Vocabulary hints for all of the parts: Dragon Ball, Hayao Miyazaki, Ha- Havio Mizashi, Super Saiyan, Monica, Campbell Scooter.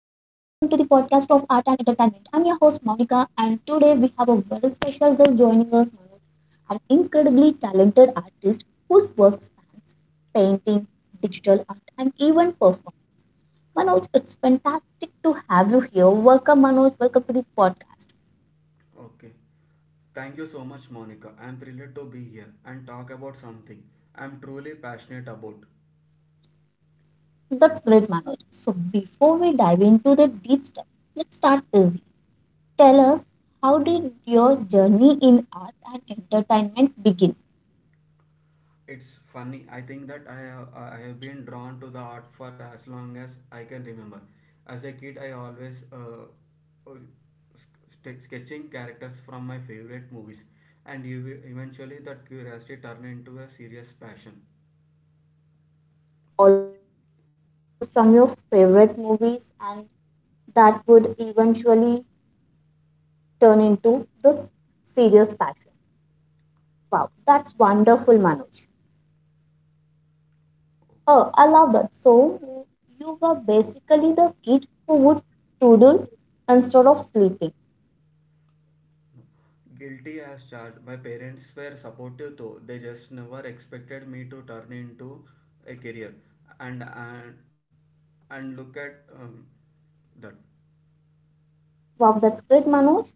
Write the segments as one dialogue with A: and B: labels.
A: of Art and Entertainment. I'm your host Monica, and today we have a very special guest joining us, Manoj, an incredibly talented artist whose work spans painting, digital art, and even performance. Manoj, it's fantastic to have you here. Welcome, Manoj. Welcome to the podcast.
B: Okay. Thank you so much, Monica. I'm thrilled to be here and talk about something I'm truly passionate about.
A: That's great, Manoj. So before we dive into the deep stuff, let's start easy. Tell us, how did your journey in art and entertainment begin?
B: It's funny, I think that I have been drawn to the art for as long as I can remember. As a kid, I always uh, sketching characters from my favorite movies, and eventually that curiosity turned into a serious
A: So,
B: passion.
A: as a kid, you used to always sketch characters from your favorite movies, and that would eventually turn into this serious passion. Wow, that's wonderful, Manoj.
B: Okay.
A: Oh, I love that. So, you were basically the kid who would doodle instead of sleeping.
B: Guilty as charged. My parents were supportive though, they just never expected me to turn into a career. And and, and look at that.
A: Wow, that's great, Manoj.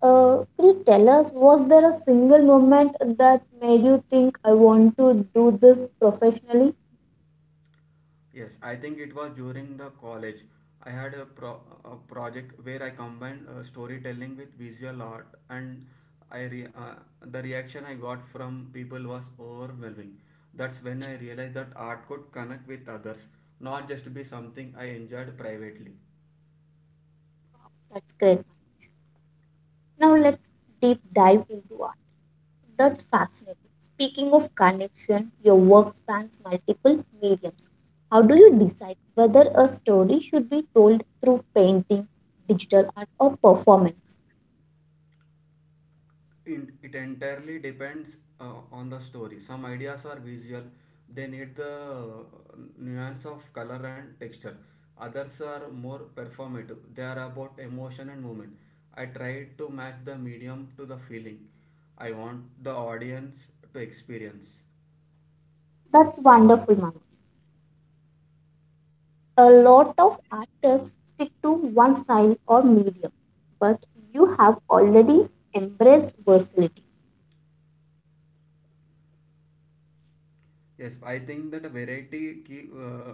A: Could you tell us, was there a single moment that made you think I want to do this professionally?
B: Yes, I think it was during the college. I had a project where I combined storytelling with visual art, and I re- uh, the reaction I got from people was overwhelming. That's when I realized that art could connect with others, not just be something I enjoyed privately.
A: That's great. Now let's deep dive into art. That's fascinating. Speaking of connection, your work spans multiple mediums. How do you decide whether a story should be told through painting, digital art, or performance?
B: It entirely depends on the story. Some ideas are visual, they need the nuance of color and texture. Others are more performative, they are about emotion and movement. I try to match the medium to the feeling I want the audience to experience.
A: That's wonderful, Manu. A lot of artists stick to one style or medium, but you have already embraced versatility.
B: Yes, I think that variety keep, uh,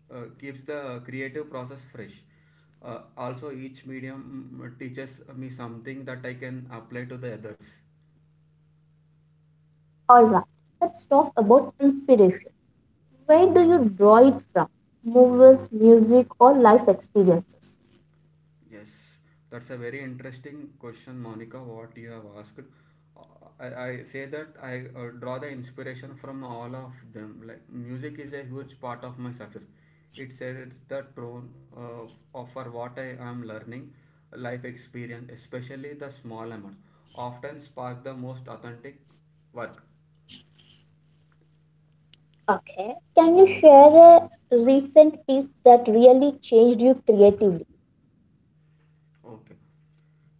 B: uh, keeps the creative process fresh. Also, each medium teaches me something that I can apply to the others.
A: All right, let's talk about inspiration. Where do you draw it from? Movies, music, or life experiences?
B: Yes, that's a very interesting question, Monica, what you have asked. Uh, I say that I draw the inspiration from all of them. Like music is a huge part of my success. It sets the tone of for what I am learning, life experience, especially the small amounts, often spark the most authentic work.
A: Okay. Can you share a recent piece that really changed you creatively?
B: Okay.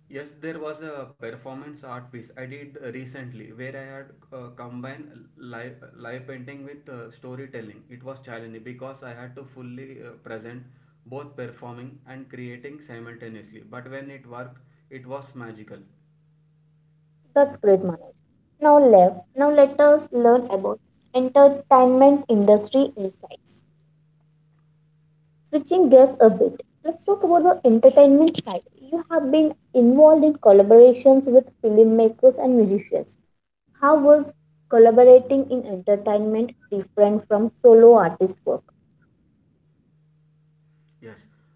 B: Yes, there was a performance art piece I did recently where I had combined live painting with storytelling. It was challenging because I had to fully present both performing and creating simultaneously. But when it worked, it was magical.
A: That's great, Manoj. Now, let us learn about entertainment industry insights. Switching gears a bit, let's talk about the entertainment side. You have been involved in collaborations with filmmakers and musicians. How was collaborating in entertainment different from solo artist work?
B: Yes,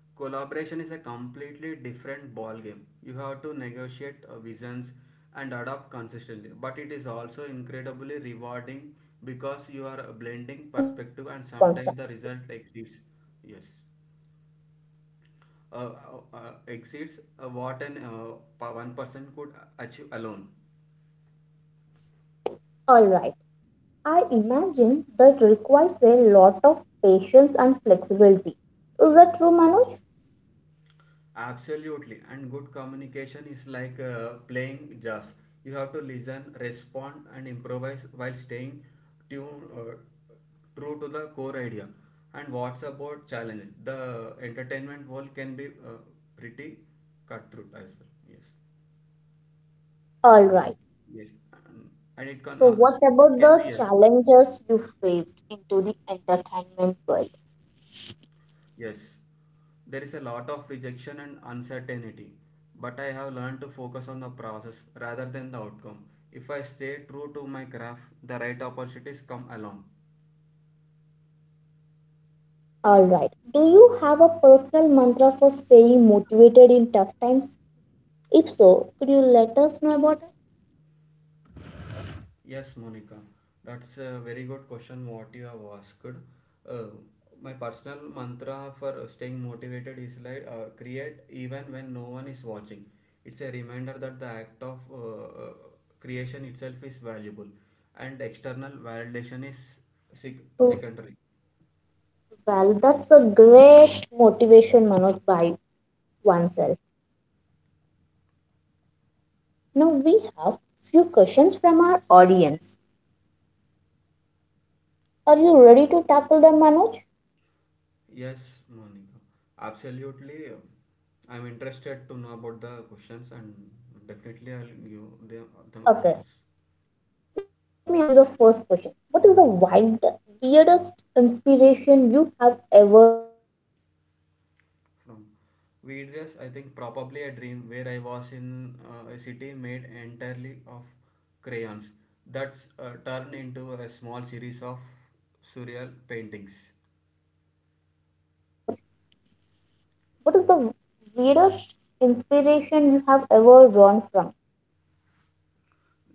B: collaboration is a completely different ball game. You have to negotiate visions and adapt consistently, but it is also
A: So there will
B: incredibly
A: be
B: rewarding because
A: certain
B: you are
A: negotiate
B: blending
A: visions and
B: perspective and
A: adapt
B: sometimes
A: constant.
B: the result yes exceeds what one person could achieve alone.
A: All right. I imagine that requires a lot of patience and flexibility. Is that true, Manoj?
B: Absolutely, and good communication is like playing jazz. You have to listen, respond, and improvise while staying tuned, uh, true to the core idea. And what's about challenges? The entertainment world can be pretty cutthroat as well. Yes,
A: All right.
B: yes, and, and it can
A: So
B: uh,
A: what
B: can be,
A: about
B: yes.
A: the challenges you faced into the entertainment world?
B: Yes, there is a lot of rejection and uncertainty, but I have learned to focus on the process rather than the outcome. If I stay true to my craft, the right opportunities come along.
A: All right. Do you have a personal mantra for staying motivated in tough times? If so, could you let us know about it?
B: Yes, Monica, that's a very good question what you have asked. Uh, my personal mantra for staying motivated is like create even when no one is watching. It's a reminder that the act of creation itself is valuable and external validation is sec-
A: Oh,
B: secondary.
A: well, that's a great motivation, Manoj, by oneself. Now we have few questions from our audience. Are
B: Oh.
A: you ready to tackle them, Manoj?
B: Yes, Monica, absolutely. I'm interested to know about the questions and definitely I'll give them
A: Okay.
B: answers.
A: Let me ask you the first question. What is the wild, weirdest inspiration you have ever drawn from,
B: From various, I think probably a dream where I was in a city made entirely of crayons that's turned into a small series of surreal paintings.
A: Manoj? What is the weirdest inspiration you have ever drawn from?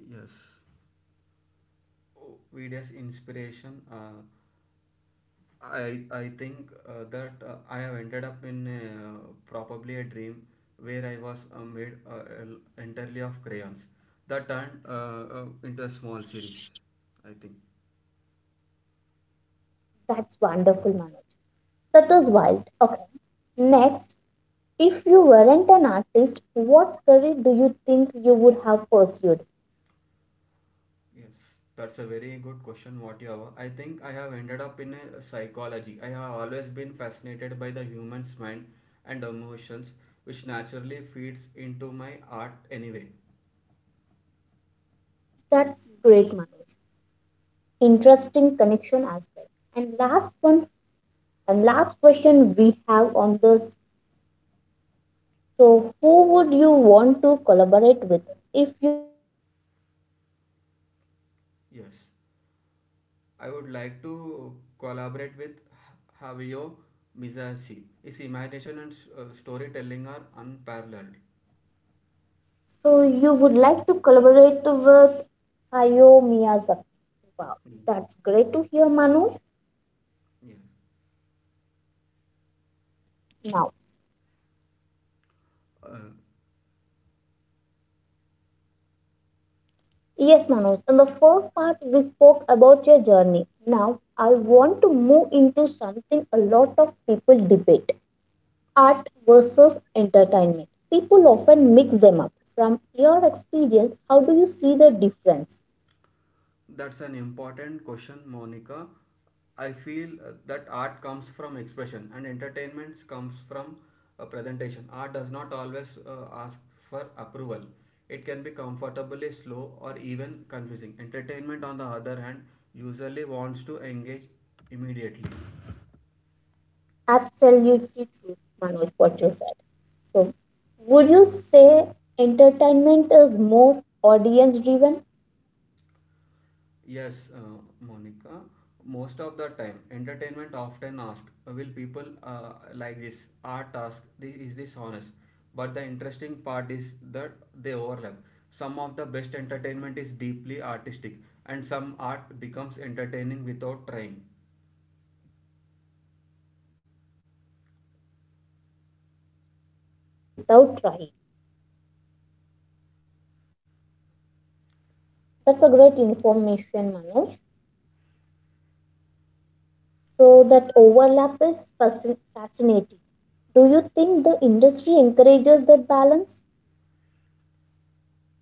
B: Yes, videos inspiration, i I think that I have ended up in probably a dream where I was made entirely of crayons that turned into a small series, I think.
A: That's wonderful, Manoj. That is wild. Okay. Next, if you weren't an artist, what career do you think you would have pursued?
B: Yes, that's a very good question, what you have. I think I have ended up in a psychology. I have always been fascinated by the human's mind and emotions, which naturally feeds into my art anyway.
A: That's great, Manoj. Interesting connection as well. And last one, and last question we have on this. So, who would you want to collaborate with if you would pick anyone, dead or alive?
B: Yes, I would like to collaborate with Havio Mizashi. His imagination and storytelling are unparalleled.
A: So, you would like to collaborate with Hayao Miyazaki. Wow,
B: Mm.
A: that's great to hear, Manoj. Now,
B: Yes.
A: yes, Manoj, in the first part, we spoke about your journey. Now, I want to move into something a lot of people debate art versus entertainment. People often mix them up. From your experience, how do you see the difference?
B: That's an important question, Monica. I feel that art comes from expression and entertainment comes from a presentation. Art does not always ask for approval. It can be comfortably slow or even confusing. Entertainment, on the other hand, usually wants to engage immediately.
A: Absolutely true, Manoj, what you said. So, would you say entertainment is more audience driven
B: Yes, Monica. Most of the time, entertainment often asks, "Will people like this art task? This is this honest?" But the interesting part is that they overlap. Some of the best entertainment is deeply artistic, and some art becomes entertaining without trying.
A: and some the some art becomes entertaining without trying? That's a great information, Manoj. So that overlap is fascinating. Do you think the industry encourages that balance?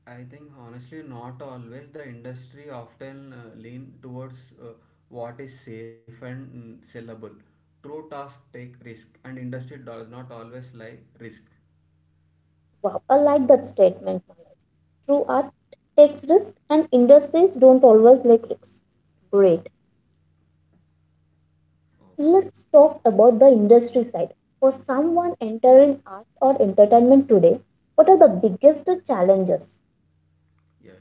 B: I think honestly, not always. The industry often lean towards what is safe and sellable. True tasks take risk, and industry does not always like risk.
A: Wow, I like that statement, Manoj. True art takes risk and industries don't always like risks. Great. Let's talk about the industry side. For someone entering art or entertainment today, what are the biggest challenges?
B: Yes.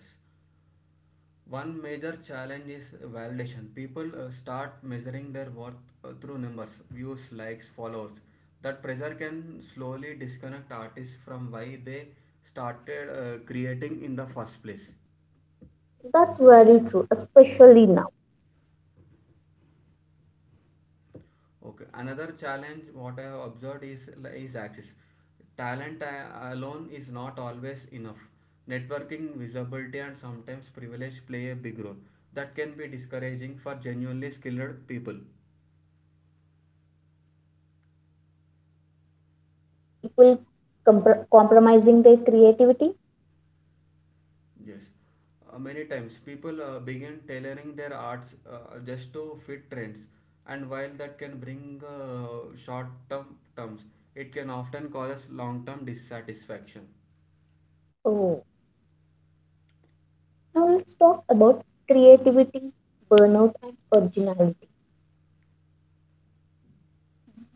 B: One major challenge is validation. People start measuring their worth through numbers, views, likes, followers. That pressure can slowly disconnect artists from why they started creating in the first place.
A: That's very true, especially now.
B: Okay. Another challenge what I have observed is access. Talent alone is not always enough. Networking, visibility, and sometimes privilege play a big role. That can be discouraging for genuinely skilled people.
A: All right, Manoj. Do you think that leads to people compromising their creativity?
B: Yes, many times people begin tailoring their arts just to fit trends, and while that can bring short term terms, it can often cause long term dissatisfaction.
A: Oh, now let's talk about creativity, burnout, and originality.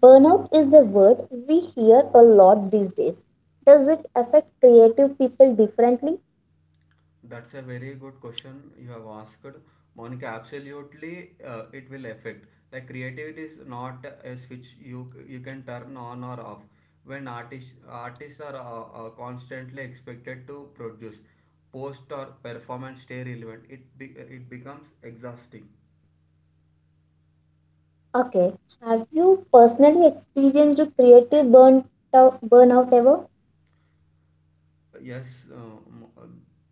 A: Burnout is a word we hear a lot these days. Does it affect creative people differently?
B: That's a very good question you have asked, Monica. Absolutely, it will affect. Like creativity is not a switch you can turn on or off. When artists are constantly expected to produce, post or performance stay relevant, it becomes exhausting.
A: Okay, have you personally experienced a burnout ever?
B: Yes, uh, Mo- uh,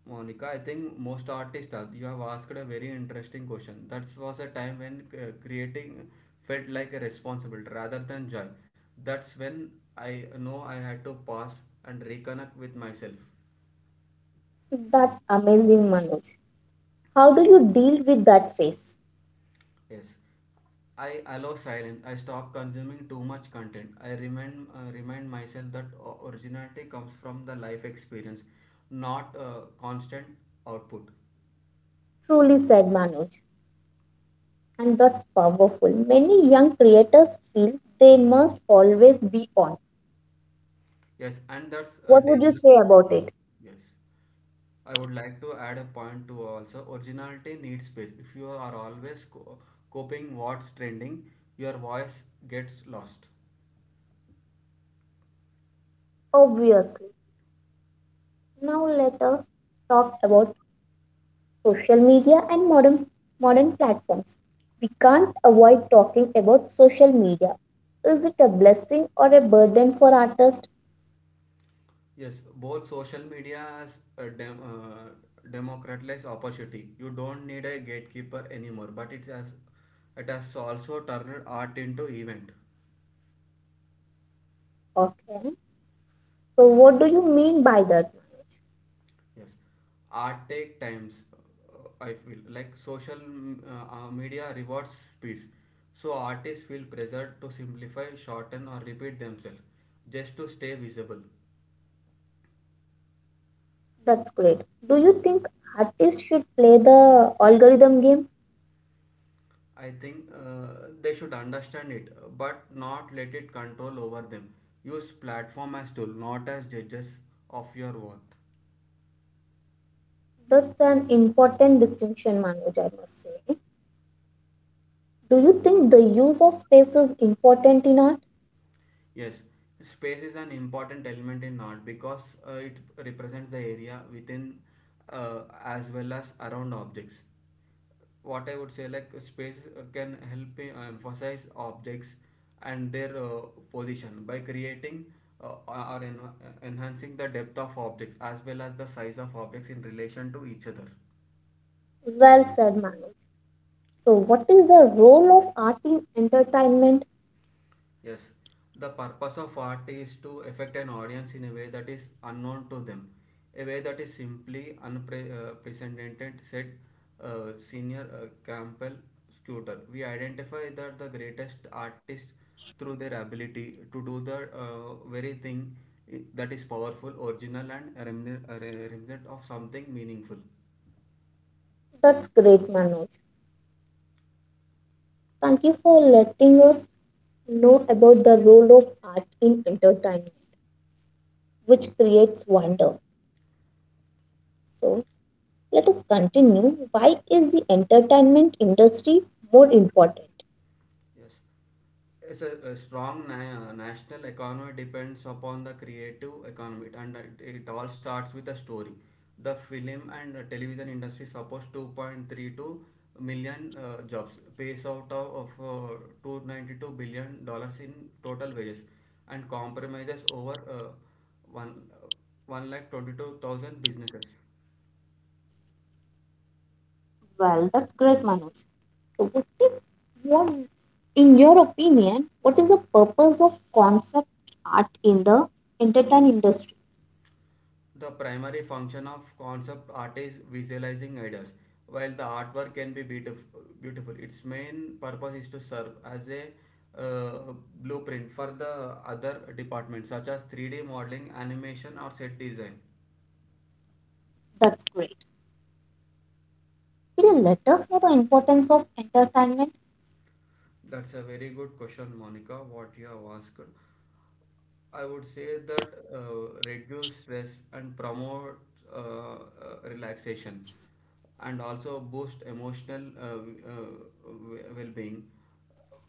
B: Monica, I think most artists are. You have asked a very interesting question. That was a time when creating felt like a responsibility rather than joy. That's when I know I had to pause and reconnect with myself.
A: That's amazing, Manoj. How do you deal with that phase?
B: Yes, I allow silence. I stop consuming too much content. I remind myself that originality comes from the life experience, not constant output.
A: Truly said Manoj. And that's powerful. Many young creators feel they must always be on.
B: Yes, and that's a
A: What would you
B: dangerous.
A: say about it?
B: Yes. I would like to add a point to also originality needs space. If you are always copying what's trending, your voice gets lost.
A: Obviously. Now let us talk about social media and modern platforms. We can't avoid talking about social media. Is it a blessing or a burden for artists?
B: Yes, both social media has a democratized opportunity. You don't need a gatekeeper anymore, but it has also turned art into event.
A: Okay. So what do you mean by that?
B: Yes, art take times. I feel like social media rewards speeds, so artists feel pressured to simplify, shorten, or repeat themselves just to stay visible.
A: That's great. Do you think artists should play the algorithm game?
B: I think they should understand it, but not let it control over them. Use platform as tool, not as judges of your worth.
A: That's an important distinction, Manoj, I must say. Do you think the use of space is important in art?
B: Yes, space is an important element in art because it represents the area within as well as around objects. What I would say like space can help me emphasize objects and their position by creating or enhancing the depth of objects as well as the size of objects in relation to each other.
A: Well said, Manoj. So, what is the role of art in entertainment?
B: Yes, the purpose of art is to affect an audience in a way that is unknown to them, a way that is simply unprecedented, said senior Campbell Scooter. We identify that the greatest artists through their ability to do the very thing that is powerful, original, and a remnant of something meaningful.
A: That's great, Manoj. Thank you for letting us know about the role of art in entertainment, which creates wonder. So, let us continue. Why is the entertainment industry more important?
B: Yes. It's a strong national economy depends upon the creative economy and it all starts with a story. The film and television industry supports 2.32 million jobs, pays out of $292 billion in total wages and compromises over 1 uh, 1 lakh 22,000 businesses.
A: Well, that's great, Manoj. So, what, in your opinion, what is the purpose of concept art in the entertainment industry?
B: The primary function of concept art is visualizing ideas. While the artwork can be beautiful its main purpose is to serve as a uh, blueprint for the other departments such as 3D modeling, animation, or set design.
A: That's great. Can you let us know the importance of entertainment
B: That's a very good question, Monica, what you have asked. I would say that reduce stress and promote uh, uh, relaxation and also boost emotional uh, well-being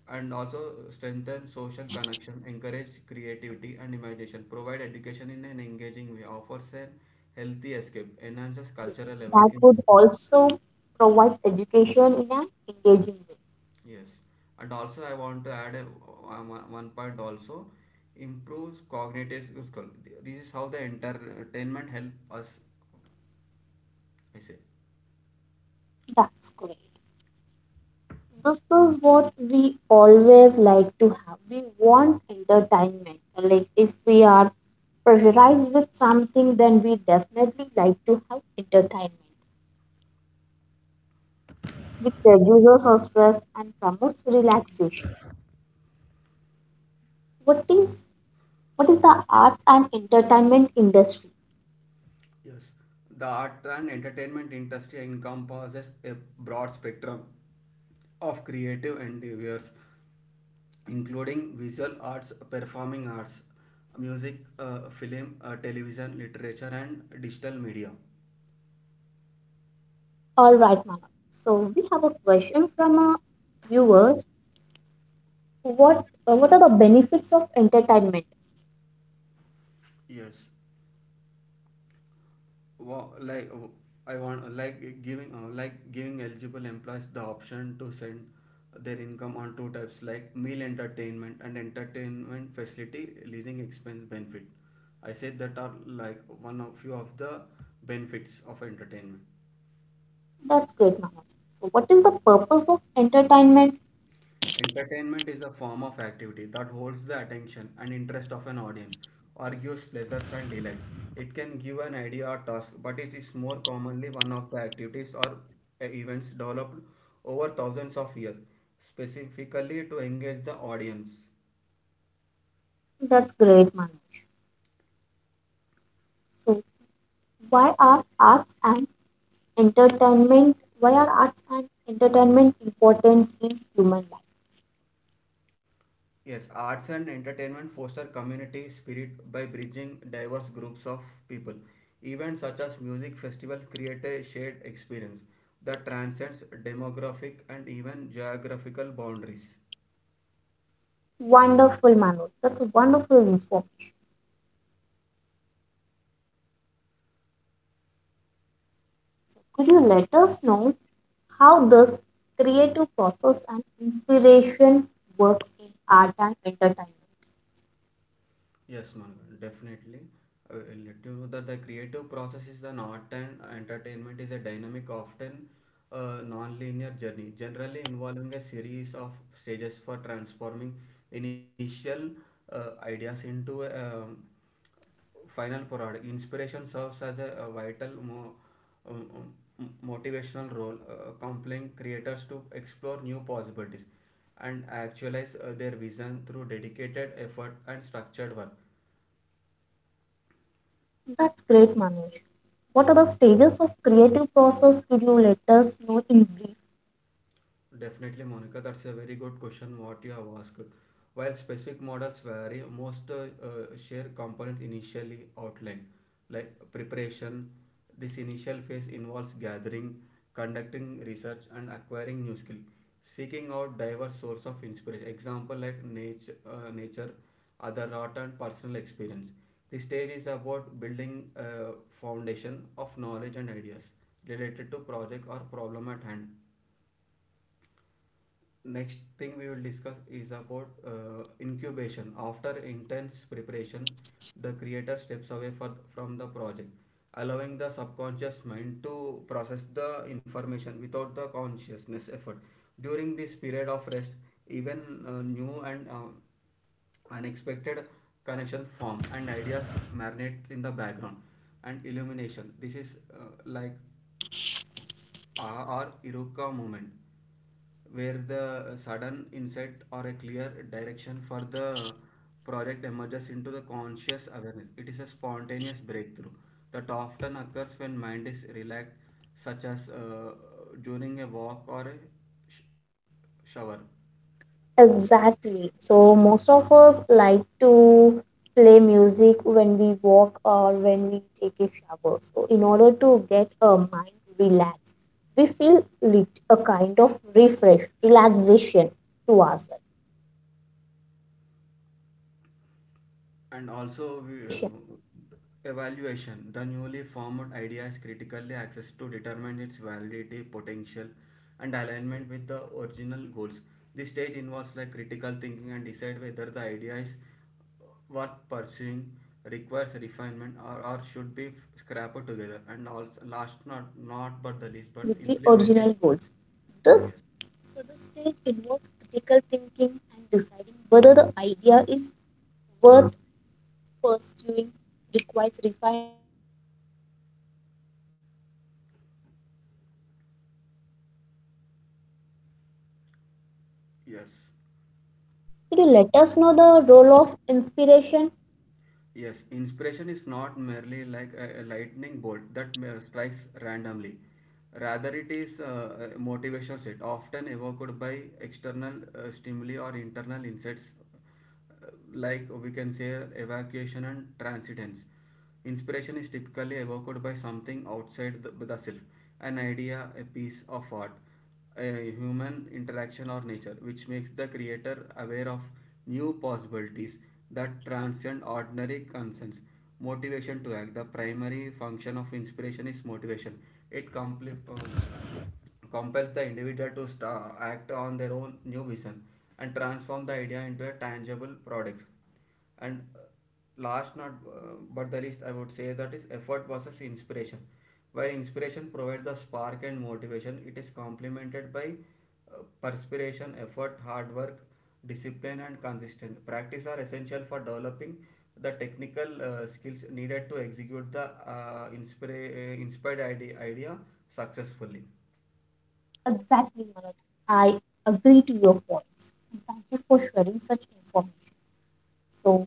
B: and also strengthen social connection, encourage creativity and imagination, provide education in an engaging way, offers a healthy escape, enhances cultural
A: that
B: level.
A: would also provides education in an engaging way?
B: Yes, and also I want to add one point also improves cognitive skill. This is how the entertainment help us. I see.
A: That's great. This is what we always like to have. We want entertainment. Like if we are pressurized with something, then we definitely like to have entertainment, which reduces our stress and promotes relaxation. What is what is the arts and entertainment industry?
B: Yes, the art and entertainment industry encompasses a broad spectrum of creative endeavors, including visual arts, performing arts, music, film, television, literature, and digital media.
A: All right, Manav. So we have a question from our viewers. What are the benefits of entertainment?
B: Yes, like I want like giving eligible employees the option to send their income on two types like meal entertainment and entertainment facility leasing expense benefit. I said that are like one of few of the benefits of entertainment.
A: That's great, Manav. So what is the purpose of entertainment?
B: Entertainment is a form of activity that holds the attention and interest of an audience or gives pleasures and delights. It can give an idea or task, but it is more commonly one of the activities or events developed over thousands of years, specifically to engage the audience.
A: That's great, Manoj. So, why are arts and Why are arts and entertainment important in human life?
B: Yes, arts and entertainment foster community spirit by bridging diverse groups of people. Events such as music festivals create a shared experience that transcends demographic and even geographical boundaries.
A: Wonderful, Manoj. That's wonderful info. Could you let us know how this creative process and inspiration works in art and entertainment?
B: Yes, Managan, definitely. Uh, Due to that, the creative process is an art and entertainment is a dynamic, often non-linear journey, generally involving a series of stages for transforming initial ideas into a final product. Inspiration serves as a vital um, um, motivational role, compelling creators to explore new possibilities and actualize their vision through dedicated effort and structured work.
A: That's great, Manoj. What are the stages of creative process? Could you let us know in brief?
B: Definitely, Monica, that's a very good question what you have asked. While specific models vary, most share components initially outlined, like preparation. This initial phase involves gathering, conducting research, and acquiring new skill, seeking out diverse source of inspiration. Example like nature, nature, other art, and personal experience. This stage is about building a foundation of knowledge and ideas related to project or problem at hand. Next thing we will discuss is about incubation. After intense preparation, the creator steps away from the project, allowing the subconscious mind to process the information without the consciousness effort. During this period of rest, even new and unexpected connections form and ideas marinate in the background. And illumination, this is uh, like or Iruka movement, where the sudden insight or a clear direction for the project emerges into the conscious awareness. It is a spontaneous breakthrough that often occurs when mind is relaxed, such as during a walk or a sh- shower.
A: Exactly. So most of us like to play music when we walk or when we take a shower. So in order to get our mind relaxed, we feel lit, a kind of refresh, relaxation to ourselves. How
B: And
A: about
B: also,
A: evaluation?
B: evaluation. The newly formed idea is critically assessed to determine its validity, potential, and alignment with the original goals.
A: Yes, ma'am.
B: This stage involves like
A: Okay,
B: critical thinking
A: so
B: and
A: I would
B: decide
A: like
B: whether
A: to
B: the idea is
A: add the point the
B: worth
A: newly formed
B: pursuing,
A: idea is
B: requires
A: critically
B: refinement,
A: assessed
B: or
A: to
B: should be
A: determine its
B: scrapped together.
A: validity,
B: And also, last
A: potential, and
B: not but the least,
A: alignment
B: but
A: with the
B: implementation.
A: original goals. This
B: Yes,
A: so the stage involves critical thinking and deciding whether the idea is worth pursuing, requires refinement, or should be scrapped altogether.
B: yes.
A: All right, Manav, could you let us know the role of inspiration?
B: Yes, inspiration is not merely like a lightning bolt that strikes randomly. Rather, it is a motivational set, often evoked by external stimuli or internal insights, uh, like we can say evacuation and transcendence. Inspiration is typically evoked by something outside the self, an idea, a piece of art, a human interaction or nature, which makes the creator aware of new possibilities that transcend ordinary concerns. Motivation to act. The primary function of inspiration is motivation. It compels the individual to start act on their own new vision and transform the idea into a tangible product, and last not but the least, I would say that is effort versus inspiration. While inspiration provides the spark and motivation, it is complemented by perspiration effort, hard work, discipline, and consistent practice are essential for developing the technical skills needed to execute the inspired idea successfully.
A: Exactly, Manoj. I agree to your points. Thank you for sharing such information. So,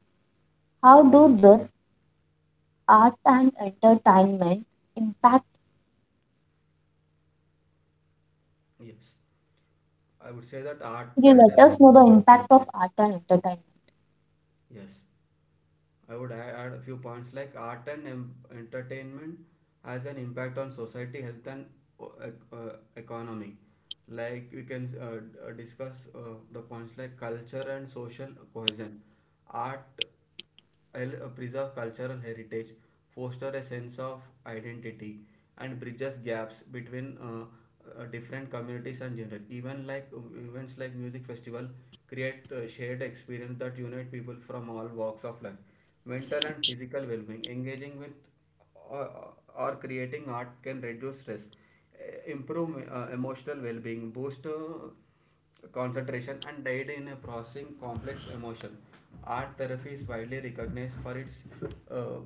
A: how do this art and entertainment impact?
B: yes i would say that art
A: Could you
B: and uh,
A: let us know the impact of art and entertainment?
B: yes, I would add a few points like art and entertainment has an impact on society, health, and o- economy. Like we can discuss the points like culture and social cohesion. Art preserve cultural heritage, foster a sense of identity, and bridges gaps between different communities and genre. Even like events like music festival create shared experience that unite people from all walks of life. Mental and physical well-being, engaging with or, or creating art can reduce stress, improve emotional well-being, boost concentration, and aid in processing complex emotion. Art therapy is widely recognized for its uh,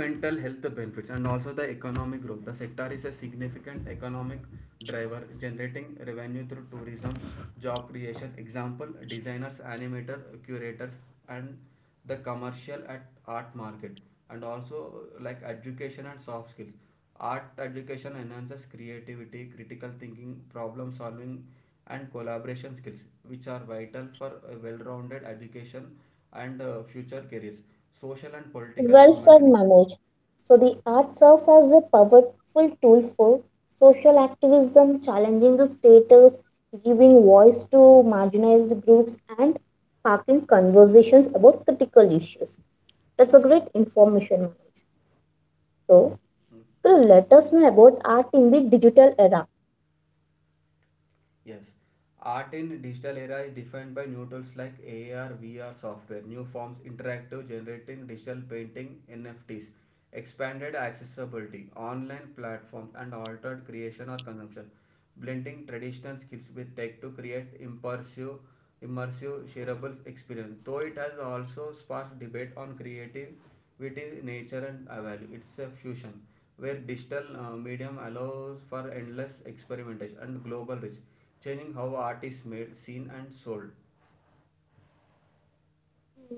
B: mental health benefits. And also the economic growth. The sector is a significant economic driver, generating revenue through tourism, job creation. Example: designers, animators, curators, and the commercial at art market. And also like education and soft skills, art education enhances creativity, critical thinking, problem solving, and collaboration skills, which are vital for a well-rounded education and future careers. Social and political
A: Well said,
B: commentary.
A: Manoj. So, the art serves as a powerful tool for social activism, challenging the status, giving voice to marginalized groups, and sparking conversations about critical issues. That's a great information, Manoj. So, let us know about art in the digital era.
B: Yes, art in digital era is defined by new tools like A R, V R software, new forms, interactive generating, digital painting, N F Ts, expanded accessibility, online platforms, and altered creation or consumption, blending traditional skills with tech to create immersive, shareable experience. Though it has also sparked debate on creativity, nature, and value. It's a fusion where digital medium allows for endless experimentation and global reach, changing how art is made, seen, and sold.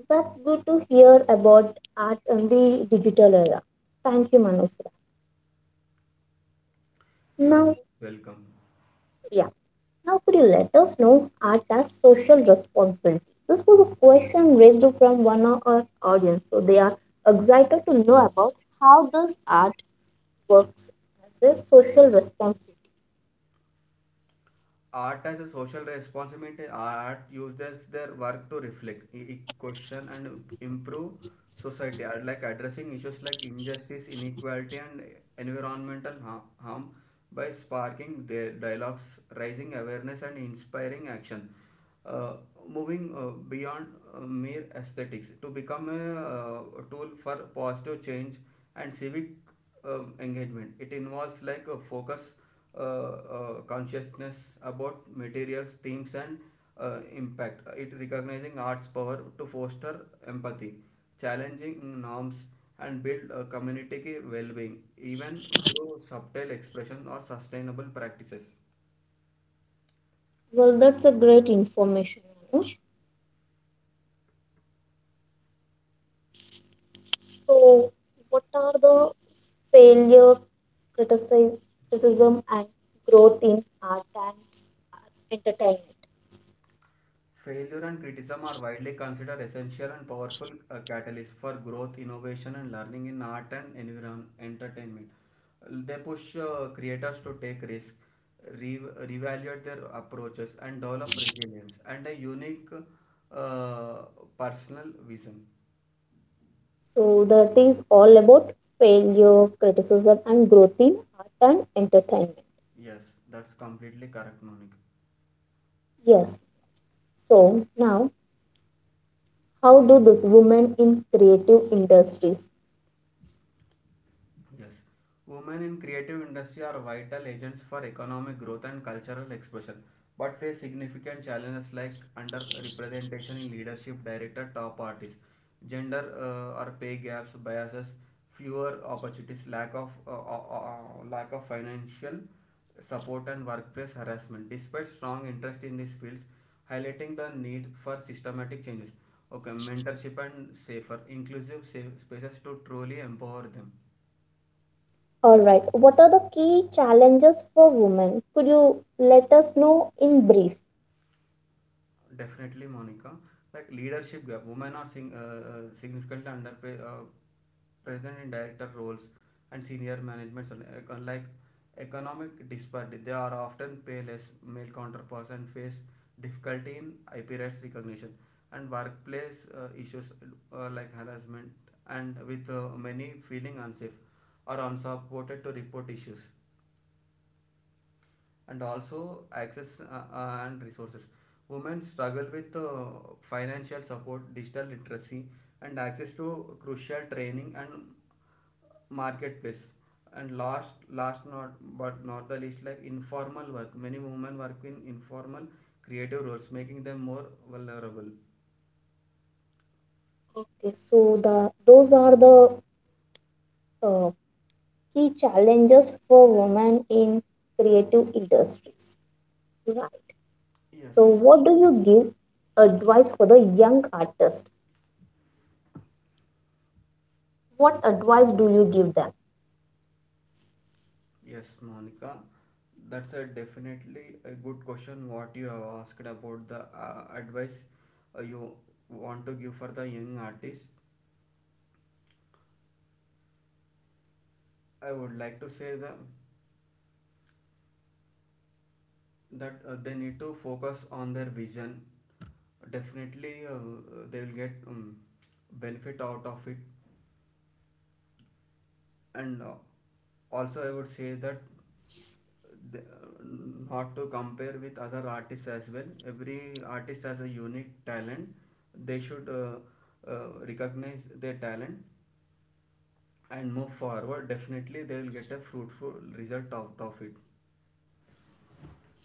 A: That's good to hear about art in the digital era. Thank you, Manusra.
B: You are
A: Now,
B: welcome.
A: yeah, now could you let us know art as social responsibility? This was a question raised from one of our audience, so they are excited to know about how this art works as a social responsibility.
B: Art as a social responsibility, art uses their work to reflect, question, and improve society, I like addressing issues like injustice, inequality, and environmental harm by sparking their dialogues, raising awareness, and inspiring action. Uh, Moving beyond mere aesthetics to become a tool for positive change and civic engagement. It involves like a focus, consciousness about materials, themes, and impact. It recognizing art's power to foster empathy, challenging norms, and build a community well-being even through subtle expression or sustainable practices.
A: Well, that's a great information, Manoj. So, what are the failure, criticism, and growth in art and entertainment?
B: Failure and criticism are widely considered essential and powerful catalysts for growth, innovation, and learning in art and environment entertainment. They push creators to take risks, re- reevaluate their approaches, and develop resilience and a unique uh, personal vision.
A: So, that is all about failure, criticism, and growth in art and entertainment.
B: Yes, that's completely correct, Monica.
A: Yes. So, now how do these women in creative industries?
B: Yes. Women in creative industry are vital agents for economic growth and cultural expression, but face significant challenges like underrepresentation in leadership, director, top artists, gender or pay gaps, biases, fewer opportunities, lack of financial support, and workplace harassment. Despite strong interest in these fields, highlighting the need for systematic changes. Okay, mentorship and safer, inclusive safe spaces to truly empower them.
A: All right. What are the key challenges for women? Could you let us know in brief?
B: Definitely, Monica. Like leadership gap, women are significantly present in director roles and senior management. Unlike economic disparity, they are often pay less male counterparts and face difficulty in IP rights recognition and workplace issues like harassment, and with many feeling unsafe or unsupported to report issues, and also access and resources. Women struggle with financial support, digital literacy, and access to crucial training and marketplace. And last not but not the least, like informal work. Many women work in informal creative roles, making them more vulnerable.
A: Okay. So, the those are the uh, key challenges for women in creative industries. Right.
B: Yes.
A: So, what do you give advice for the young artist? What advice do you give them?
B: Yes, Monica, that's a definitely a good question. What you have asked about the advice you want to give for the young artists, I would like to say that they need to focus on their vision. Definitely, they will get benefit out of it, and also I would say that not to compare with other artists as well. Every artist has a unique talent. They should recognize their talent and move forward. Definitely they will get a fruitful result out of it.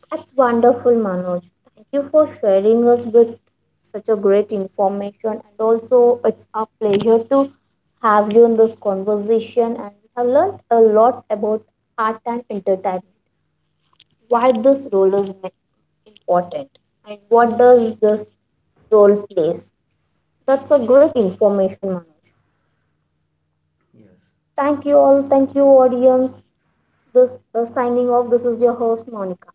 A: That's wonderful, Manoj. Thank you for sharing us with such a great information. And also, it's a pleasure to have you in this conversation. And we have learned a lot about art and entertainment, why this role is important, and what does this role plays. That's a great information, Manoj.
B: Yes.
A: Thank you all. Thank you, audience. This signing off. This is your host, Monica.